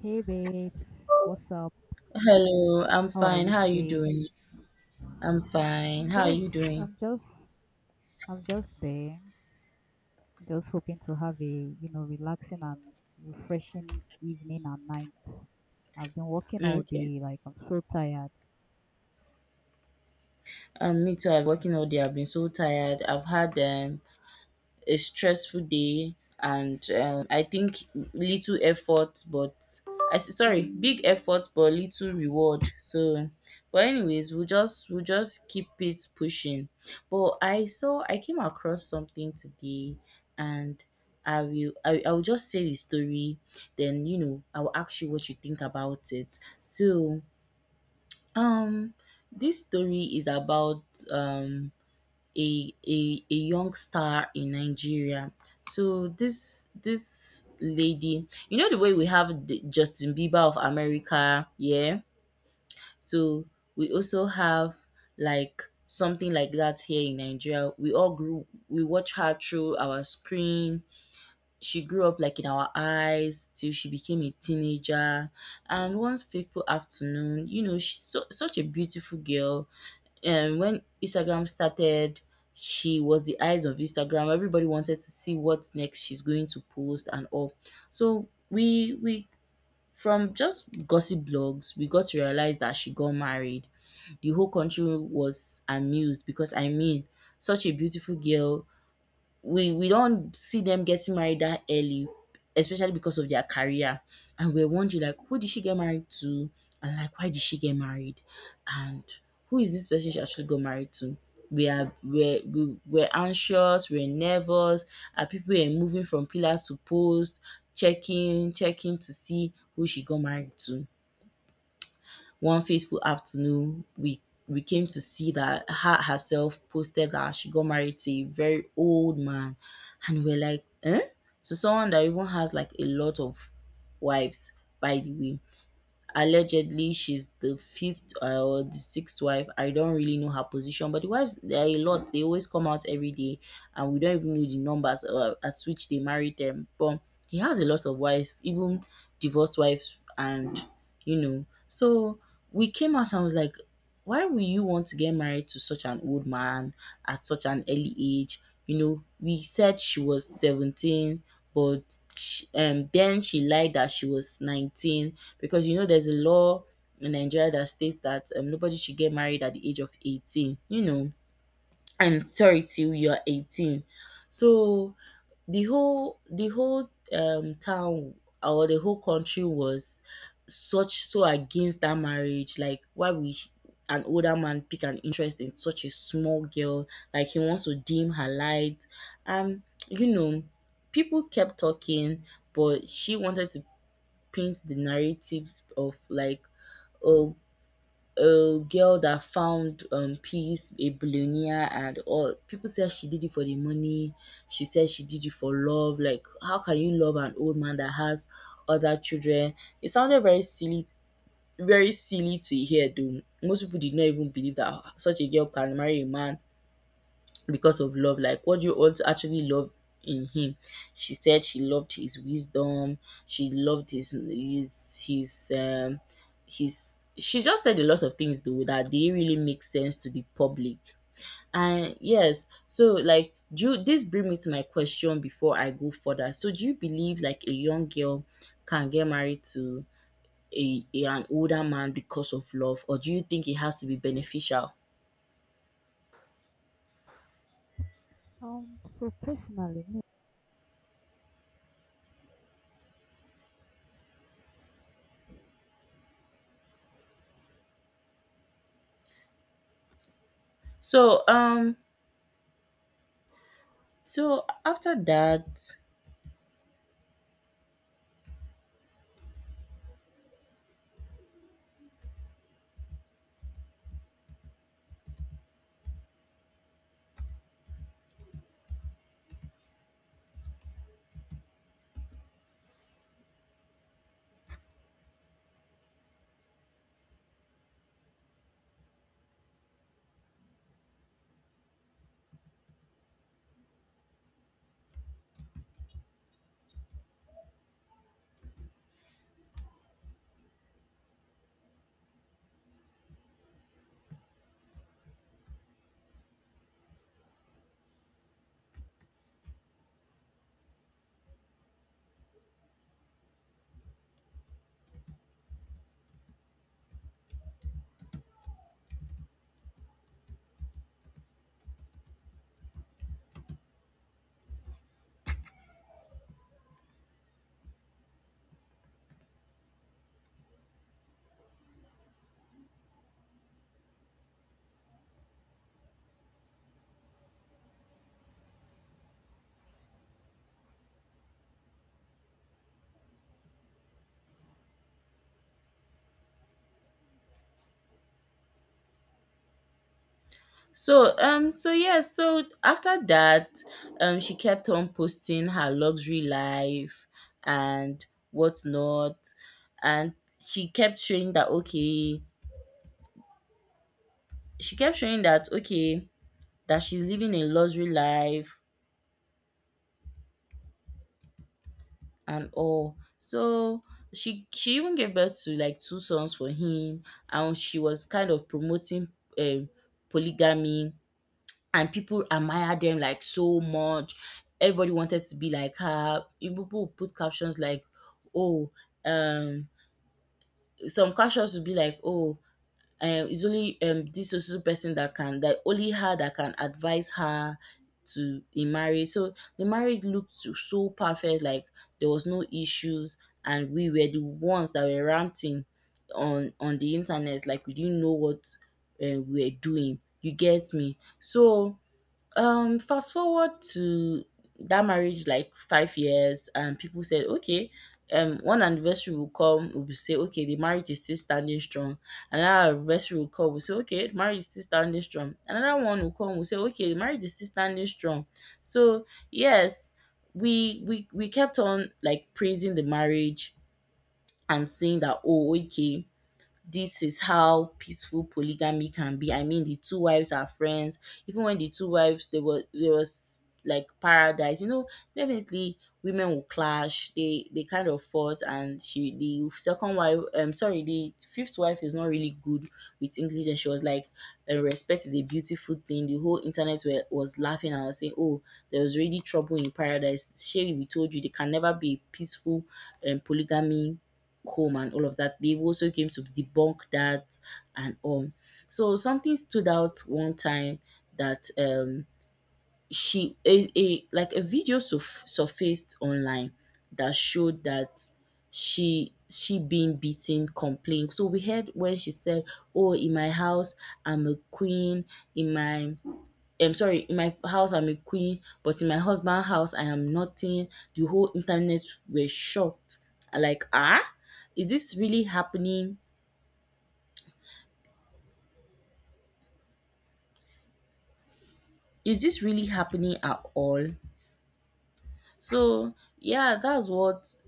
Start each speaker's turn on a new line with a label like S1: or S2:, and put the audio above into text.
S1: Hey babes, what's up?
S2: Hello, I'm
S1: How are
S2: fine.
S1: you
S2: How are you
S1: today?
S2: doing? I'm fine.
S1: I'm
S2: How are you
S1: just,
S2: doing?
S1: I'm just, I'm just there. Just hoping to have a relaxing and refreshing evening and night. I've been working
S2: Mm,
S1: all
S2: okay.
S1: day, like I'm so tired.
S2: Me too. I've working all day. I've been so tired. I've had a stressful day, and I think little effort but sorry, big effort but little reward. So but anyways, we'll just keep it pushing. But I came across something today, and I will just say the story, then you know I will ask you what you think about it. So um this story is about um a young star in Nigeria. So this lady, you know the way we have the Justin Bieber of America, yeah. So we also have like something like that here in Nigeria. We all grew we watch her through our screen. She grew up like in our eyes till she became a teenager. And once fateful afternoon, you know, she's so, such a beautiful girl. And when Instagram started, she was the eyes of Instagram. Everybody wanted to see what next she's going to post and all. So we from just gossip blogs, we got to realize that she got married. The whole country was amused because I mean, such a beautiful girl, we don't see them getting married that early, especially because of their career. And we're wondering like who did she get married to? And like why did she get married? And who is this person she actually got married to? We're anxious, we're nervous, and people are moving from pillar to post, checking to see who she got married to. One fateful afternoon, we came to see that herself posted that she got married to a very old man, and we're like, eh? So someone that even has like a lot of wives, by the way, allegedly she's the fifth or the sixth wife. I don't really know her position, but the wives there are a lot. They always come out every day, and we don't even know the numbers at which they married them. But he has a lot of wives, even divorced wives, and you know. So we came out and was like, why will you want to get married to such an old man at such an early age? You know, we said she was 17, but sh then she lied that she was 19, because you know there's a law in Nigeria that states that nobody should get married at the age of 18. You know, I'm sorry, till you're 18. So the whole town or the whole country was such so against that marriage. Like why we an older man pick an interest in such a small girl, like he wants to dim her light. And you know, people kept talking, but she wanted to paint the narrative of like, oh, a girl that found peace, a billionaire, and all. People said she did it for the money. She said she did it for love. Like, how can you love an old man that has other children? It sounded very silly to hear. Though most people did not even believe that such a girl can marry a man because of love. Like what do you also actually love in him? She said she loved his wisdom. She loved his she just said a lot of things though, that didn't really make sense to the public. And yes, so like this bring me to my question before I go further. So do you believe like a young girl can get married to a an older man because of love, or do you think it has to be beneficial?
S1: So personally, me,
S2: So so after that So after that, she kept on posting her luxury life and whatnot. And she kept showing that okay, she kept showing that okay, that she's living a luxury life and all. So she even gave birth to like two sons for him, and she was kind of promoting um polygamy, and people admire them like so much. Everybody wanted to be like her. Even people would put captions like, "Oh, um, some captions would be like, oh, it's only this so so person that can that only her that can advise her to in marriage. So the marriage looked so so perfect, like there was no issues, and we were the ones that were ranting on the internet, like we didn't know what we were doing. You get me? So fast forward to that marriage like 5 years, and people said okay, one anniversary will come, we'll say okay, the marriage is still standing strong. Another anniversary will come, we'll say okay, the marriage is still standing strong. Another one will come, we'll say okay, the marriage is still standing strong. So yes, we kept on like praising the marriage and saying that, oh okay, this is how peaceful polygamy can be. I mean, the two wives are friends. Even when the two wives, they were there was like paradise. You know, definitely women will clash. They kind of fought, and she the second wife. Sorry, the fifth wife is not really good with English, and she was like, "Respect is a beautiful thing." The whole internet was laughing and was saying, "Oh, there was already trouble in paradise. Sherry, we told you they can never be a peaceful polygamy home," and all of that. They also came to debunk that and all. So something stood out one time that she a like a video surfaced online that showed that she being beaten complained. So we heard when she said, oh, in my house I'm a queen in my I'm sorry, in my house I'm a queen, but in my husband house I am nothing. The whole internet were shocked. I like, ah, is this really happening? Is this really happening at all? So yeah, that's what